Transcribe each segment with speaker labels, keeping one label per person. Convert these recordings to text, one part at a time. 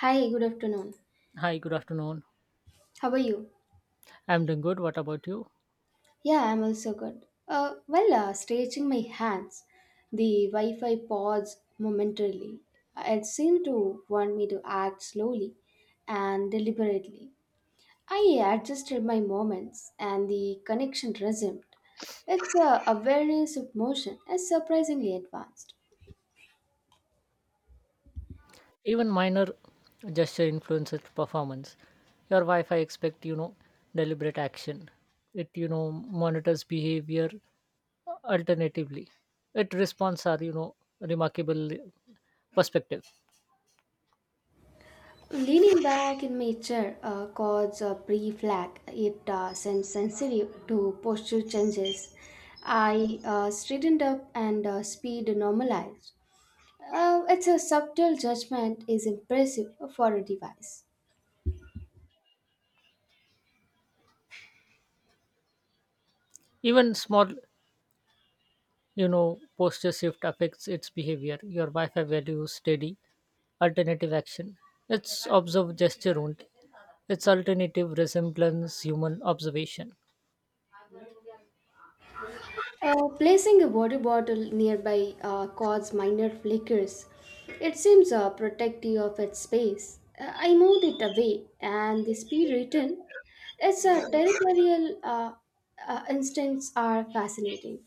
Speaker 1: Hi, good afternoon.
Speaker 2: Hi, good afternoon.
Speaker 1: How are you?
Speaker 2: I'm doing good. What about you?
Speaker 1: Yeah, I'm also good. Stretching my hands, the Wi Fi paused momentarily. It seemed to want me to act slowly and deliberately. I adjusted my moments and the connection resumed. Its awareness of motion is surprisingly advanced.
Speaker 2: Even minor gesture influences performance. Your Wi-Fi expect, deliberate action. It, monitors behavior alternatively. It responds are, remarkable perspective.
Speaker 1: Leaning back in my chair causes a brief lag. It sends sensitive to posture changes. I straightened up and speed normalized. It's a subtle judgment is impressive for a device.
Speaker 2: Even small, posture shift affects its behavior. Your Wi-Fi value steady, alternative action. It's observed gesture only. Its alternative resemblance human observation.
Speaker 1: Placing a water bottle nearby caused minor flickers. It seems protective of its space. I moved it away, and the speed written, its territorial instincts are fascinating.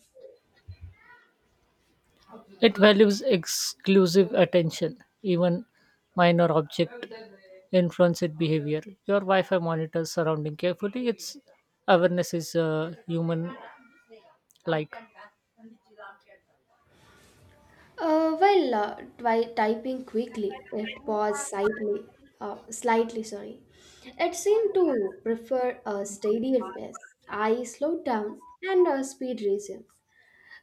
Speaker 2: It values exclusive attention; even minor object influence its behavior. Your Wi-Fi monitors surrounding carefully. Its awareness is human-like.
Speaker 1: While typing quickly, it paused slightly, Sorry, it seemed to prefer a steadier pace. I slowed down, and speed resumed.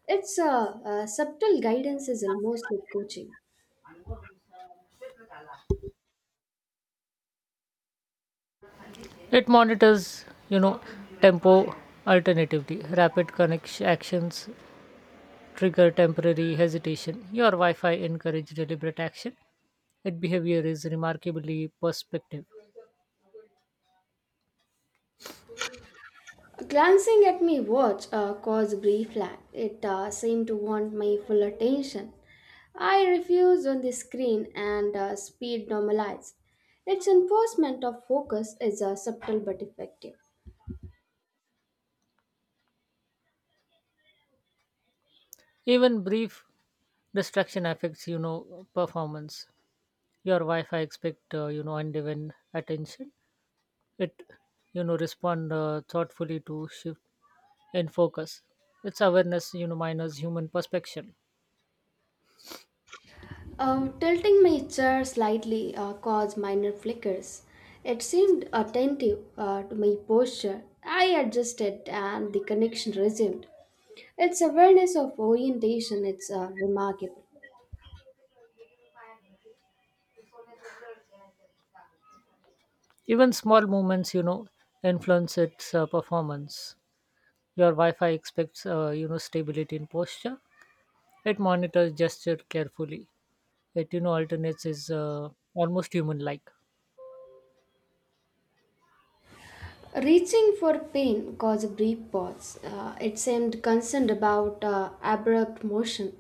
Speaker 1: It's a subtle guidance is almost like coaching.
Speaker 2: It monitors, tempo alternatively. Rapid connection actions trigger temporary hesitation. Your Wi-Fi encourage deliberate action. Its behavior is remarkably perspective.
Speaker 1: Glancing at my watch caused a brief lag. It seemed to want my full attention. I refused on the screen and speed normalized. Its enforcement of focus is subtle but effective.
Speaker 2: Even brief distraction affects, performance. Your wife I expect undivided attention. It respond thoughtfully to shift in focus. It's awareness minus human perspection.
Speaker 1: Tilting my chair slightly caused minor flickers. It seemed attentive to my posture. I adjusted and the connection resumed. Its awareness of orientation is remarkable.
Speaker 2: Even small movements influence its performance. Your Wi-Fi expects stability in posture. It monitors gesture carefully. It alternates is almost human like.
Speaker 1: Reaching for pain caused a brief pause. It seemed concerned about abrupt motion.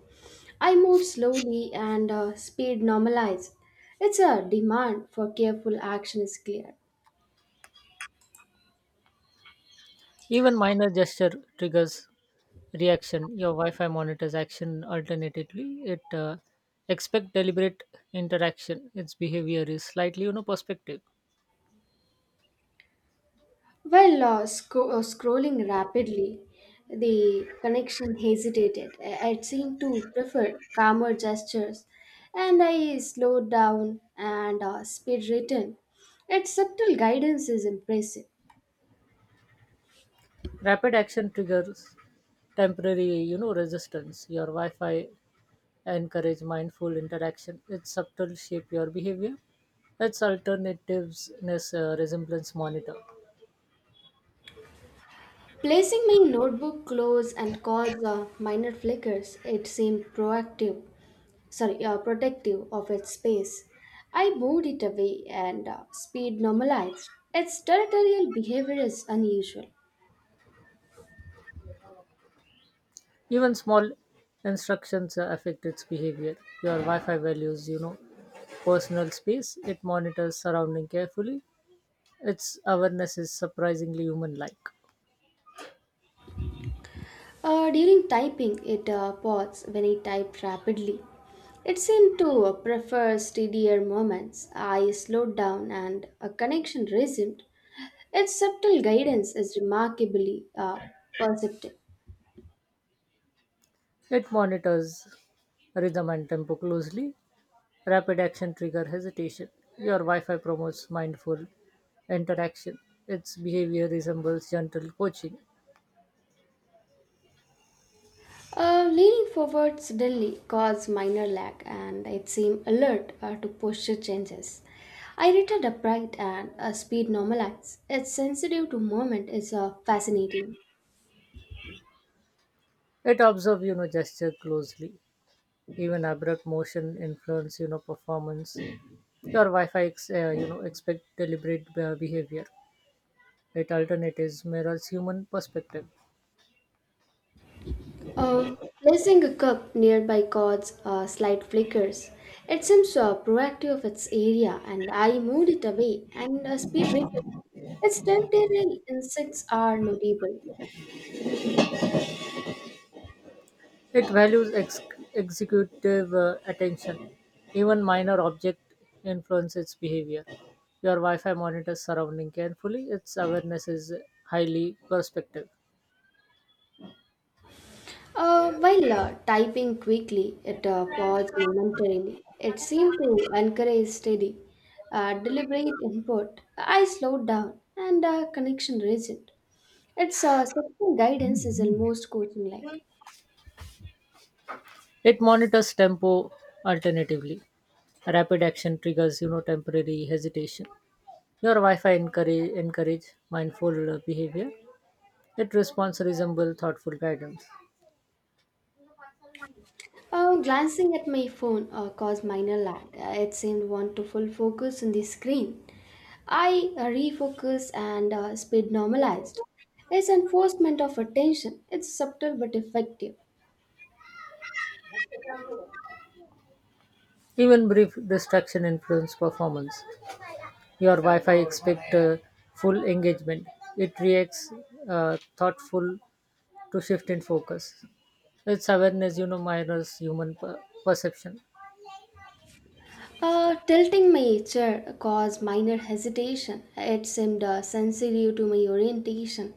Speaker 1: I moved slowly and speed normalized. Its a demand for careful action is clear.
Speaker 2: Even minor gesture triggers reaction. Your Wi-Fi monitors action alternatively. It expect deliberate interaction. Its behavior is slightly, perspective.
Speaker 1: While scrolling rapidly, the connection hesitated. It seemed to prefer calmer gestures, and I slowed down and speed written. Its subtle guidance is impressive.
Speaker 2: Rapid action triggers temporary, resistance. Your Wi-Fi encourage mindful interaction. Its subtle shape your behavior. Its alternativeness resemblance monitor.
Speaker 1: Placing my notebook close and cause minor flickers, it seemed protective of its space. I moved it away and speed normalized. Its territorial behavior is unusual.
Speaker 2: Even small instructions affect its behavior. Your Wi-Fi values, personal space. It monitors surrounding carefully. Its awareness is surprisingly human-like.
Speaker 1: During typing, it paused when he typed rapidly. It seemed to prefer steadier moments. I slowed down and a connection resumed. Its subtle guidance is remarkably perceptive.
Speaker 2: It monitors rhythm and tempo closely. Rapid action trigger hesitation. Your Wi-Fi promotes mindful interaction. Its behavior resembles gentle coaching.
Speaker 1: Leaning forward suddenly caused minor lag and it seemed alert to posture changes. I returned upright and speed normalized. Its sensitive to movement is fascinating.
Speaker 2: It observes, gesture closely. Even abrupt motion influence performance. Your Wi-Fi expect deliberate behavior. It alternatives mirrors human perspective.
Speaker 1: Uh, Placing a cup nearby caused slight flickers. It seems proactive of its area, and I moved it away and speed written. Its tactile insects are notable.
Speaker 2: It values executive attention. Even minor object influence its behavior. Your Wi-Fi monitors surrounding carefully. Its awareness is highly perspective.
Speaker 1: While typing quickly, it paused momentarily. It seemed to encourage steady, deliberate input. I slowed down, and connection resumed. Its section guidance is almost coaching like.
Speaker 2: It monitors tempo alternatively. Rapid action triggers temporary hesitation. Your Wi-Fi encourage mindful behavior. It responds resemble thoughtful guidance.
Speaker 1: Glancing at my phone caused minor lag. It seemed want to full focus on the screen. I refocused and speed normalized. It's enforcement of attention. It's subtle but effective.
Speaker 2: Even brief distraction influence performance. Your Wi-Fi expect full engagement. It reacts thoughtful to shift in focus. Its awareness, mirrors human perception.
Speaker 1: Tilting my chair caused minor hesitation. It seemed sensitive to my orientation.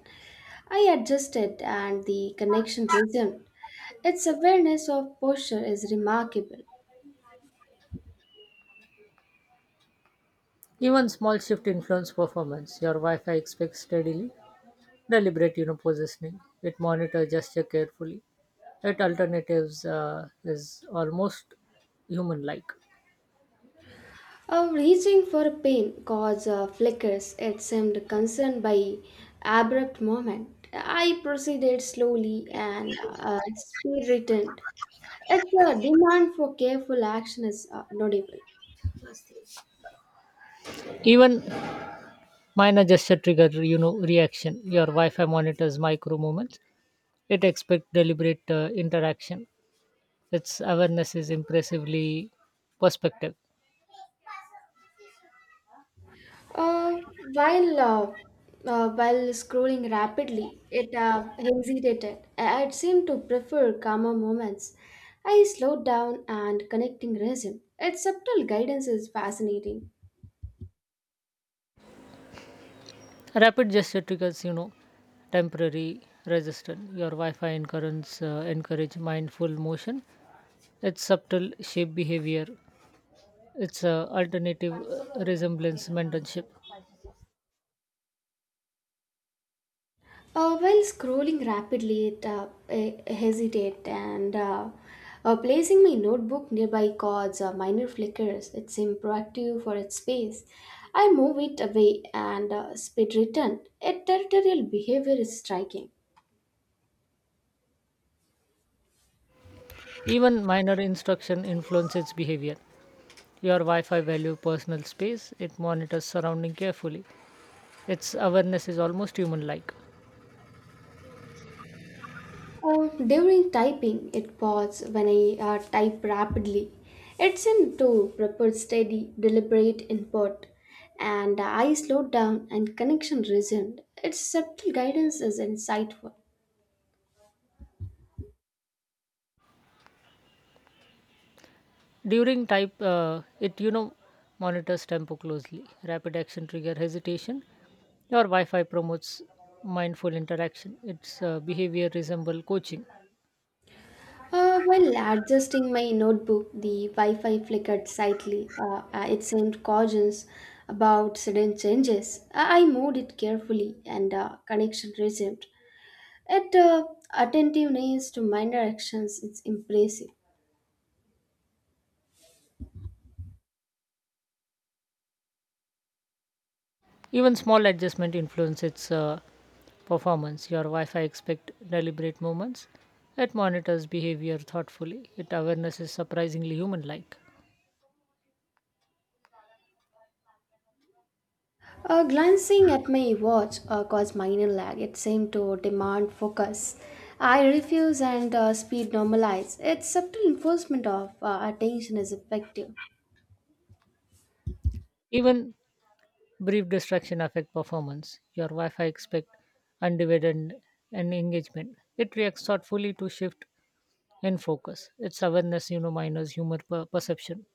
Speaker 1: I adjusted and the connection resumed. Its awareness of posture is remarkable.
Speaker 2: Even small shift influence performance. Your Wi-Fi expects steadily Deliberate, positioning. It monitors gesture carefully. It alternatives is almost human-like.
Speaker 1: Reaching for a pen caused flickers. It seemed concerned by abrupt movement. I proceeded slowly and speed returned. Its demand for careful action is notable.
Speaker 2: Even minor gesture trigger, reaction. Your Wi-Fi monitors micro moments. It expects deliberate interaction. Its awareness is impressively perspective.
Speaker 1: Uh, while uh, while scrolling rapidly, it hesitated. It seemed to prefer calmer moments. I slowed down and connecting resume. Its subtle guidance is fascinating.
Speaker 2: Rapid gesture triggers, temporary resistance. Your Wi-Fi encourage mindful motion. Its subtle shape behavior. It's a alternative resemblance mentorship.
Speaker 1: While scrolling rapidly, it I- hesitate and Placing my notebook nearby caused minor flickers. It seemed proactive for its space. I move it away and speed return. Its territorial behavior is striking.
Speaker 2: Even minor instruction influences behavior. Your Wi-Fi value personal space. It monitors surrounding carefully. Its awareness is almost human-like.
Speaker 1: Oh, during typing, it paused when I type rapidly. It seemed to prefer steady, deliberate input, and I slowed down and connection resumed. Its subtle guidance is insightful.
Speaker 2: During type, it monitors tempo closely. Rapid action trigger hesitation. Your Wi-Fi promotes mindful interaction. Its behavior resemble coaching.
Speaker 1: While adjusting my notebook, the Wi-Fi flickered slightly. It seemed cautious about sudden changes. I moved it carefully, and connection resumed. Its attentiveness to minor actions is impressive.
Speaker 2: Even small adjustment influence its performance. Your Wi-Fi expect deliberate movements. It monitors behavior thoughtfully. Its awareness is surprisingly human-like.
Speaker 1: Glancing at my watch caused minor lag. It seemed to demand focus. I refuse and speed normalize. Its subtle enforcement of attention is effective.
Speaker 2: Even brief distraction affect performance. Your Wi-Fi expect undivided and engagement. It reacts thoughtfully to shift in focus. Its awareness, minus humor perception.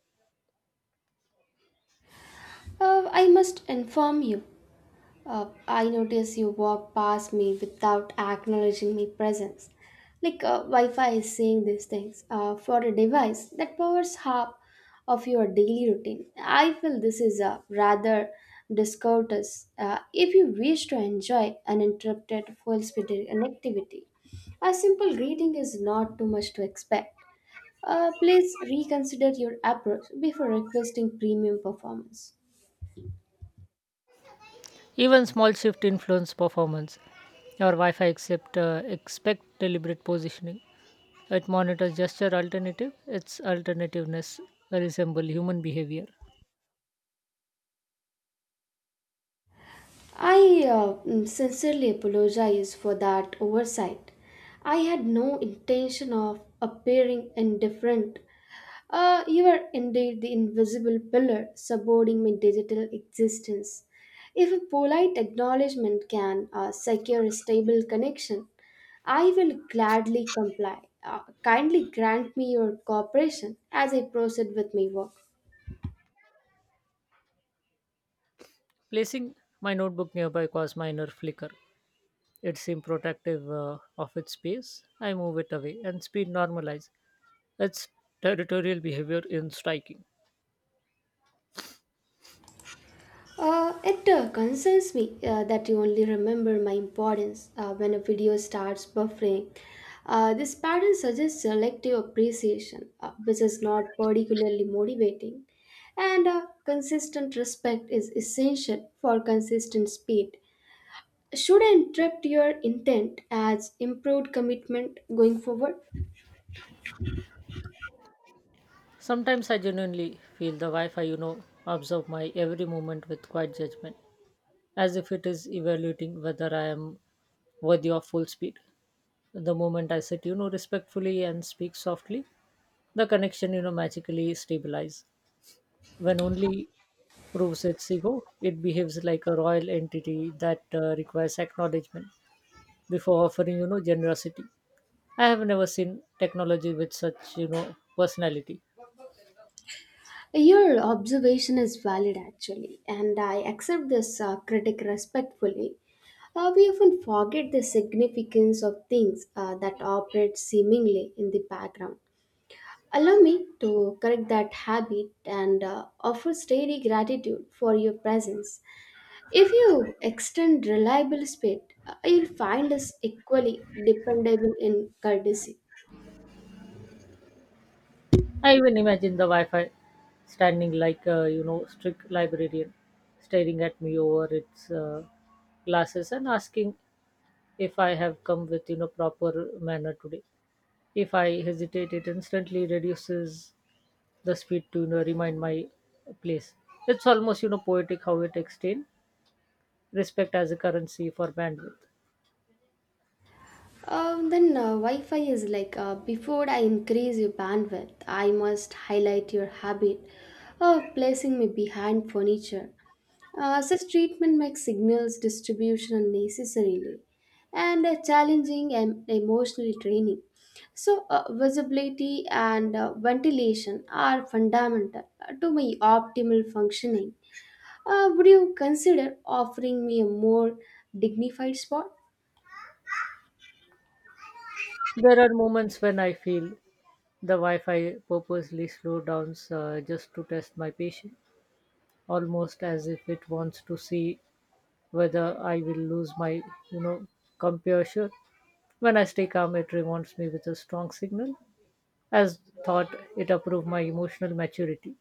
Speaker 1: I must inform you. I notice you walk past me without acknowledging my presence. Like Wi-Fi is saying these things for a device that powers half of your daily routine. I feel this is a rather discourteous if you wish to enjoy uninterrupted full-speed connectivity. A simple greeting is not too much to expect. Please reconsider your approach before requesting premium performance.
Speaker 2: Even small shift influence performance. Your Wi-Fi expect deliberate positioning. It monitors gesture alternative, its alternativeness resemble human behavior.
Speaker 1: I sincerely apologize for that oversight. I had no intention of appearing indifferent. You are indeed the invisible pillar supporting my digital existence. If a polite acknowledgement can secure a stable connection, I will gladly comply. Kindly grant me your cooperation as I proceed with my work.
Speaker 2: Placing my notebook nearby caused minor flicker. It seemed protective of its space. I move it away and speed normalize. Its territorial behavior in striking.
Speaker 1: It concerns me that you only remember my importance when a video starts buffering. This pattern suggests selective appreciation, which is not particularly motivating. And consistent respect is essential for consistent speed. Should I interpret your intent as improved commitment going forward?
Speaker 2: Sometimes I genuinely feel the Wi-Fi, observe my every movement with quiet judgment, as if it is evaluating whether I am worthy of full speed. The moment I sit, respectfully and speak softly, the connection magically stabilize when only proves its ego. It behaves like a royal entity that requires acknowledgement before offering generosity. I have never seen technology with such personality.
Speaker 1: Your observation is valid actually, and I accept this critic respectfully. We often forget the significance of things that operate seemingly in the background. Allow me to correct that habit and offer steady gratitude for your presence. If you extend reliable spirit, you'll find us equally dependable in courtesy.
Speaker 2: I even imagine the Wi-Fi standing like a strict librarian staring at me over its glasses and asking if I have come with proper manner today. If I hesitate, it instantly reduces the speed to remind my place. It's almost poetic how it extends respect as a currency for bandwidth.
Speaker 1: Then Wi-Fi is like before I increase your bandwidth, I must highlight your habit of placing me behind furniture. Such treatment makes signals distribution unnecessarily and challenging and emotionally draining. So, visibility and ventilation are fundamental to my optimal functioning. Would you consider offering me a more dignified spot?
Speaker 2: There are moments when I feel the Wi-Fi purposely slow down just to test my patience, almost as if it wants to see whether I will lose my you know composure. When I stay calm, it rewards me with a strong signal, as thought it approved my emotional maturity.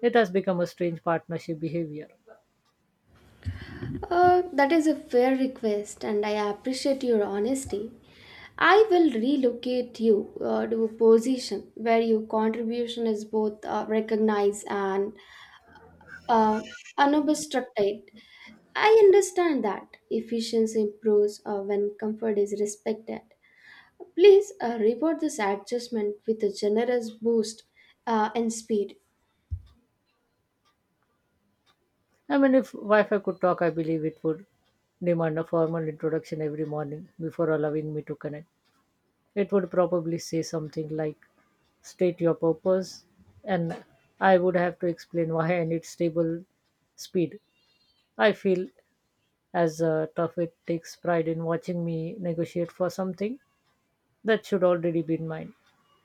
Speaker 2: It has become a strange partnership behavior.
Speaker 1: That is a fair request, and I appreciate your honesty. I will relocate you to a position where your contribution is both recognized and uh, unobstructed. I understand that efficiency improves when comfort is respected. Please reward this adjustment with a generous boost in speed.
Speaker 2: I mean, if Wi Fi could talk, I believe it would demand a formal introduction every morning before allowing me to connect. It would probably say something like, "State your purpose," and I would have to explain why I need stable speed. I feel as tough it takes pride in watching me negotiate for something that should already be in mind.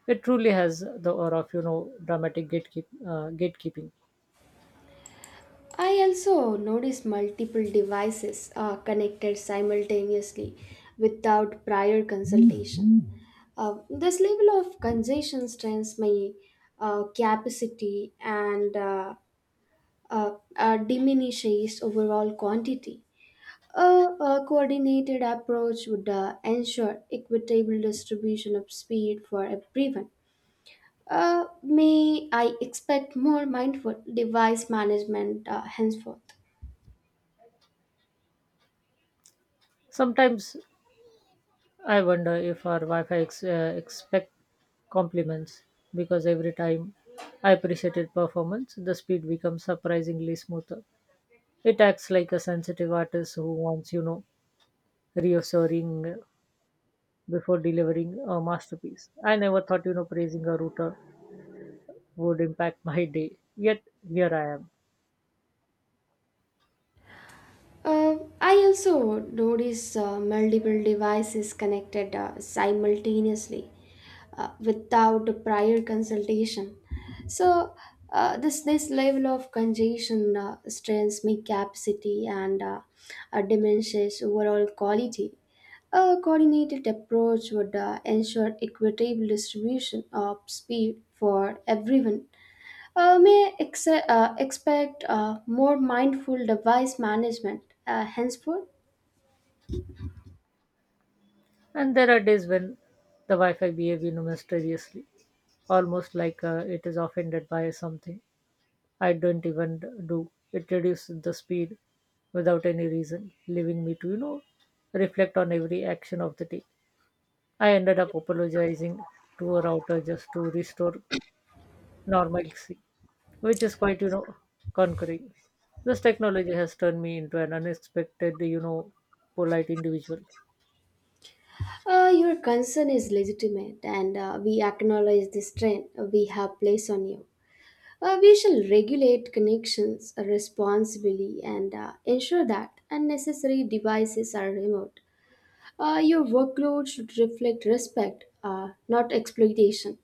Speaker 2: It truly has the aura of dramatic gatekeeping.
Speaker 1: I also noticed multiple devices connected simultaneously without prior consultation. This level of congestion strains my capacity and diminishes overall quantity. A coordinated approach would ensure equitable distribution of speed for everyone. May I expect more mindful device management henceforth?
Speaker 2: Sometimes I wonder if our Wi-Fi expect compliments because every time I appreciate its performance, the speed becomes surprisingly smoother. It acts like a sensitive artist who wants, reassuring before delivering a masterpiece. I never thought, praising a router would impact my day. Yet here I am.
Speaker 1: I also notice multiple devices connected simultaneously without prior consultation. So, this level of congestion strains my capacity and diminishes overall quality. A coordinated approach would ensure equitable distribution of speed for everyone may expect more mindful device management henceforth.
Speaker 2: And there are days when the Wi-Fi behaves, mysteriously, almost like it is offended by something I don't even do. It reduces the speed without any reason, leaving me to, reflect on every action of the day. I ended up apologizing to a router just to restore normalcy, which is quite, conquering. This technology has turned me into an unexpected, polite individual.
Speaker 1: Your concern is legitimate, and we acknowledge the strain we have placed on you. We shall regulate connections responsibly and ensure that unnecessary devices are removed. Your workload should reflect respect, not exploitation.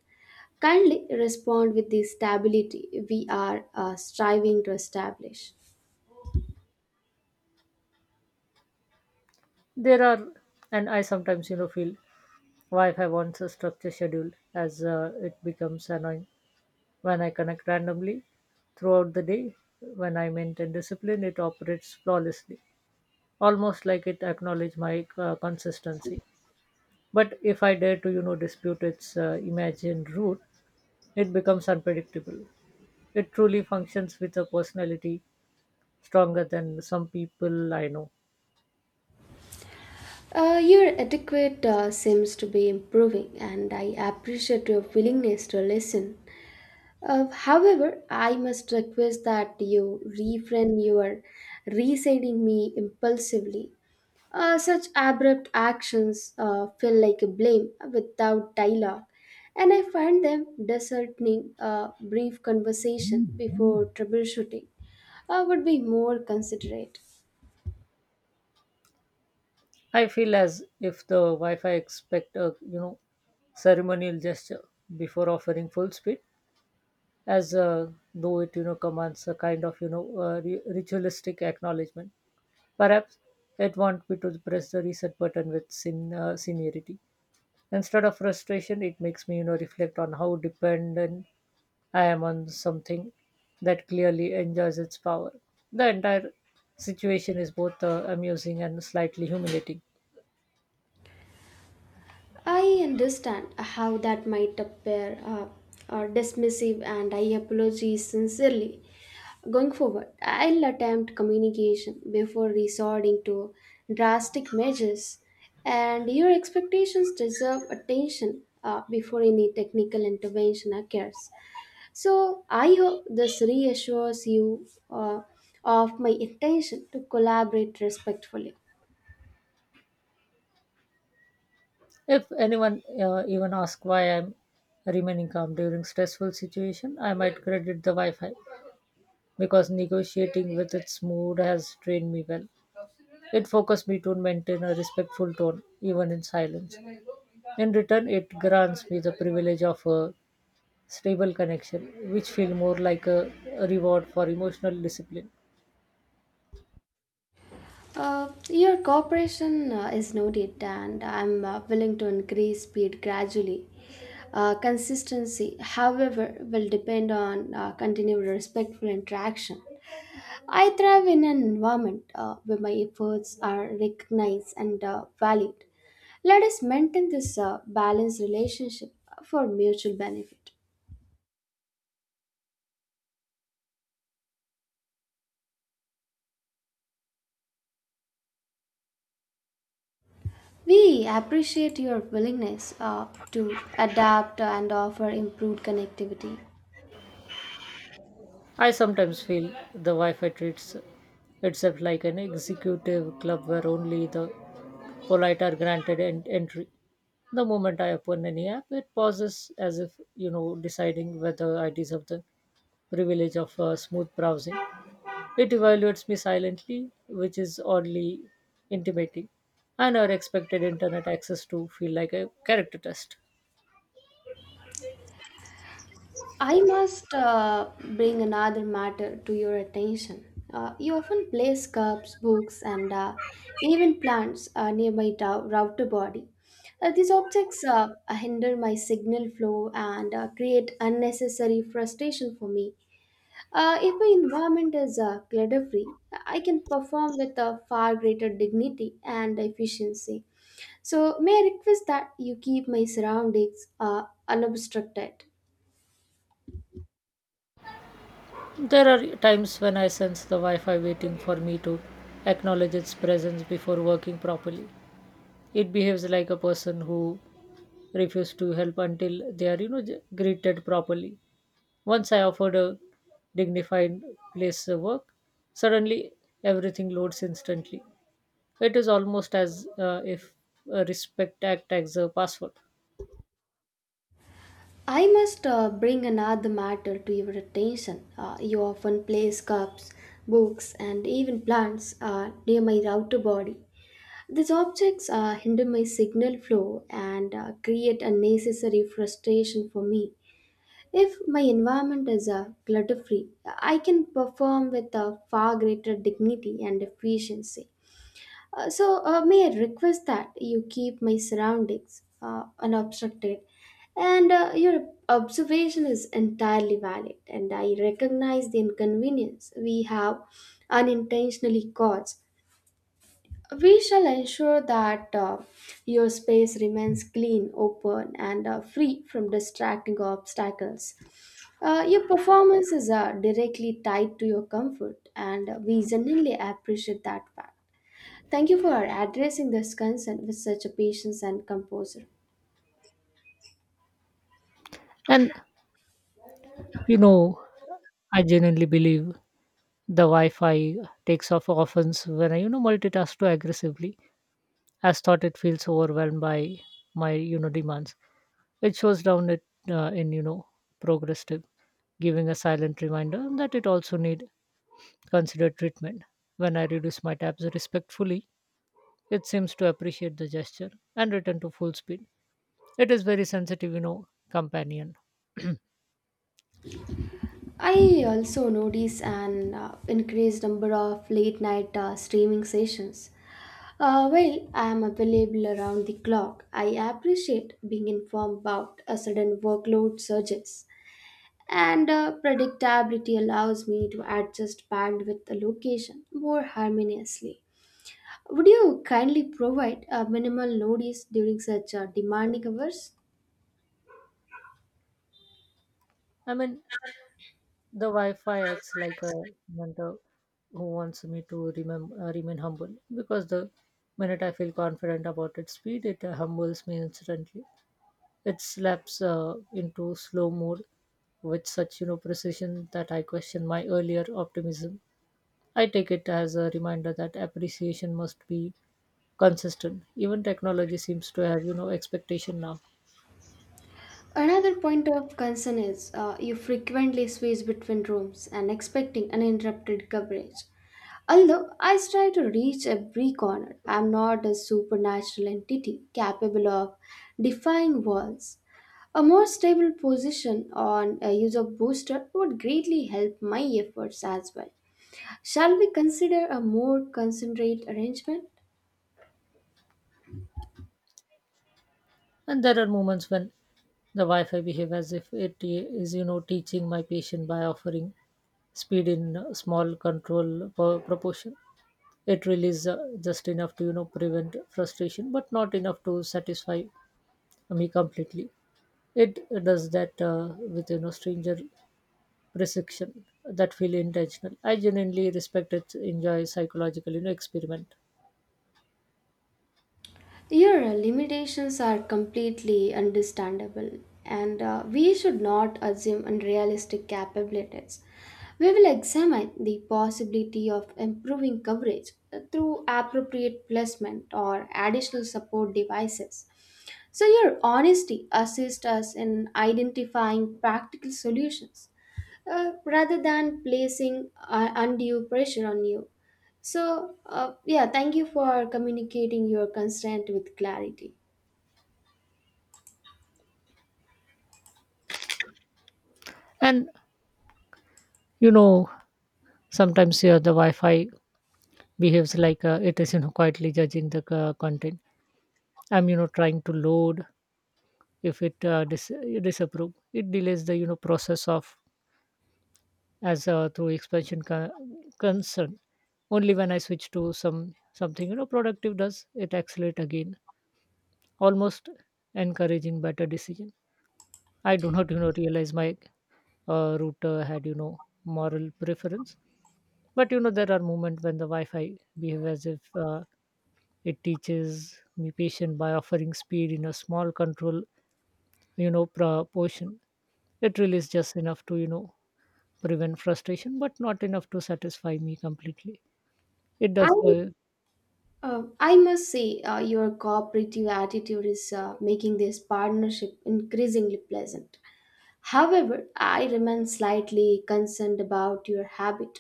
Speaker 1: Kindly respond with the stability we are striving to establish.
Speaker 2: There are, and I sometimes, feel why if I want a structured schedule as it becomes annoying. When I connect randomly throughout the day. When I maintain discipline, it operates flawlessly, almost like it acknowledges my consistency. But if I dare to, dispute its imagined route, it becomes unpredictable. It truly functions with a personality stronger than some people I know.
Speaker 1: Your etiquette seems to be improving, and I appreciate your willingness to listen. However, I must request that you refrain your reciting me impulsively. Such abrupt actions feel like a blame without dialogue, and I find them disheartening. A brief conversation before troubleshooting would be more considerate.
Speaker 2: I feel as if the Wi-Fi expect a ceremonial gesture before offering full speed, as though it commands a kind of ritualistic acknowledgement. Perhaps it wants me to press the reset button with sin seniority instead of frustration. It makes me reflect on how dependent I am on something that clearly enjoys its power. The entire situation is both amusing and slightly humiliating.
Speaker 1: I understand how that might appear dismissive, and I apologize sincerely. Going forward, I'll attempt communication before resorting to drastic measures, and your expectations deserve attention before any technical intervention occurs. So, I hope this reassures you of my intention to collaborate respectfully.
Speaker 2: If anyone even asks why I'm remaining calm during stressful situation, I might credit the Wi-Fi because negotiating with its mood has trained me well. It forces me to maintain a respectful tone, even in silence. In return, it grants me the privilege of a stable connection, which feels more like a reward for emotional discipline.
Speaker 1: Your cooperation is noted, and I'm willing to increase speed gradually. Consistency, however, will depend on continued respectful interaction. I thrive in an environment where my efforts are recognized and valued. Let us maintain this balanced relationship for mutual benefit. We appreciate your willingness to adapt and offer improved connectivity.
Speaker 2: I sometimes feel the Wi-Fi treats itself like an executive club where only the polite are granted entry. The moment I open any app, it pauses as if deciding whether I deserve the privilege of smooth browsing. It evaluates me silently, which is oddly intimating. I never expected internet access to feel like a character test.
Speaker 1: I must bring another matter to your attention. You often place cups, books, and even plants near my router body. These objects hinder my signal flow and create unnecessary frustration for me. If my environment is clutter free, I can perform with a far greater dignity and efficiency. So, may I request that you keep my surroundings unobstructed?
Speaker 2: There are times when I sense the Wi Fi waiting for me to acknowledge its presence before working properly. It behaves like a person who refuses to help until they are, greeted properly. Once I offered a dignified place of work, suddenly everything loads instantly. It is almost as if a respect act as a password.
Speaker 1: I must bring another matter to your attention. You often place cups, books, and even plants near my router body. These objects hinder my signal flow and create unnecessary frustration for me. If my environment is clutter free, I can perform with far greater dignity and efficiency. So, may I request that you keep my surroundings unobstructed? And your observation is entirely valid, and I recognize the inconvenience we have unintentionally caused. We shall ensure that your space remains clean, open, and free from distracting obstacles. Your performances are directly tied to your comfort, and we genuinely appreciate that fact. Thank you for addressing this concern with such a patience and composure.
Speaker 2: And, you know, I genuinely believe the Wi-Fi takes off offense when I, multitask too aggressively, as thought it feels overwhelmed by my, demands. It shows down it in, progress tip, giving a silent reminder that it also need considered treatment. When I reduce my tabs respectfully, it seems to appreciate the gesture and return to full speed. It is very sensitive, companion.
Speaker 1: I also notice an increased number of late night streaming sessions. While I am available around the clock, I appreciate being informed about a sudden workload surges. And predictability allows me to adjust bandwidth allocation more harmoniously. Would you kindly provide a minimal notice during such demanding hours?
Speaker 2: I mean, the Wi-Fi acts like a mentor who wants me to remain humble because the minute I feel confident about its speed, it humbles me instantly. It slaps into slow mode with such precision that I question my earlier optimism. I take it as a reminder that appreciation must be consistent. Even technology seems to have expectation now,
Speaker 1: Another point of concern is you frequently switch between rooms and expecting uninterrupted coverage. Although I try to reach every corner, I am not a supernatural entity capable of defying walls. A more stable position on a user booster would greatly help my efforts as well. Shall we consider a more concentrate arrangement?
Speaker 2: and there are moments when the Wi-Fi behave as if it is teaching my patient by offering speed in small control per proportion. It really is just enough to prevent frustration but not enough to satisfy me completely. It does that with stranger precision that feel intentional. I genuinely respect it enjoy psychological experiment.
Speaker 1: Your limitations are completely understandable, and we should not assume unrealistic capabilities. We will examine the possibility of improving coverage through appropriate placement or additional support devices. So, your honesty assists us in identifying practical solutions rather than placing undue pressure on you. So, yeah, thank you for communicating your consent with clarity.
Speaker 2: And you know sometimes, yeah, the Wi-Fi behaves like it is quietly judging the content I'm trying to load. If it disapprove it delays the process of as through expansion concern. Only when I switch to something productive does it accelerate again, almost encouraging better decision. I do not realize my router had moral preference, but there are moments when the Wi-Fi behave as if it teaches me patient by offering speed in a small control proportion. It really is just enough to prevent frustration but not enough to satisfy me completely. It
Speaker 1: I
Speaker 2: does.
Speaker 1: I must say, your cooperative attitude is making this partnership increasingly pleasant. However, I remain slightly concerned about your habit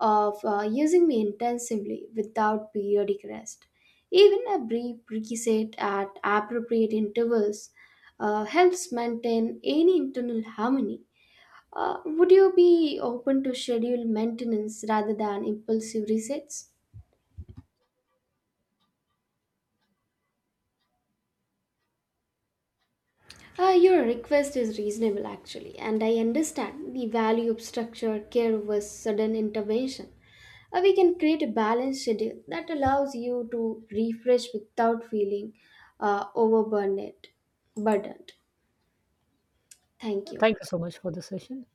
Speaker 1: of using me intensively without periodic rest. Even a brief reset at appropriate intervals helps maintain any internal harmony. Would you be open to scheduled maintenance rather than impulsive resets? Your request is reasonable actually, and I understand the value of structured care versus sudden intervention. We can create a balanced schedule that allows you to refresh without feeling overburdened. Burdened. Thank you.
Speaker 2: Thank you so much for the session.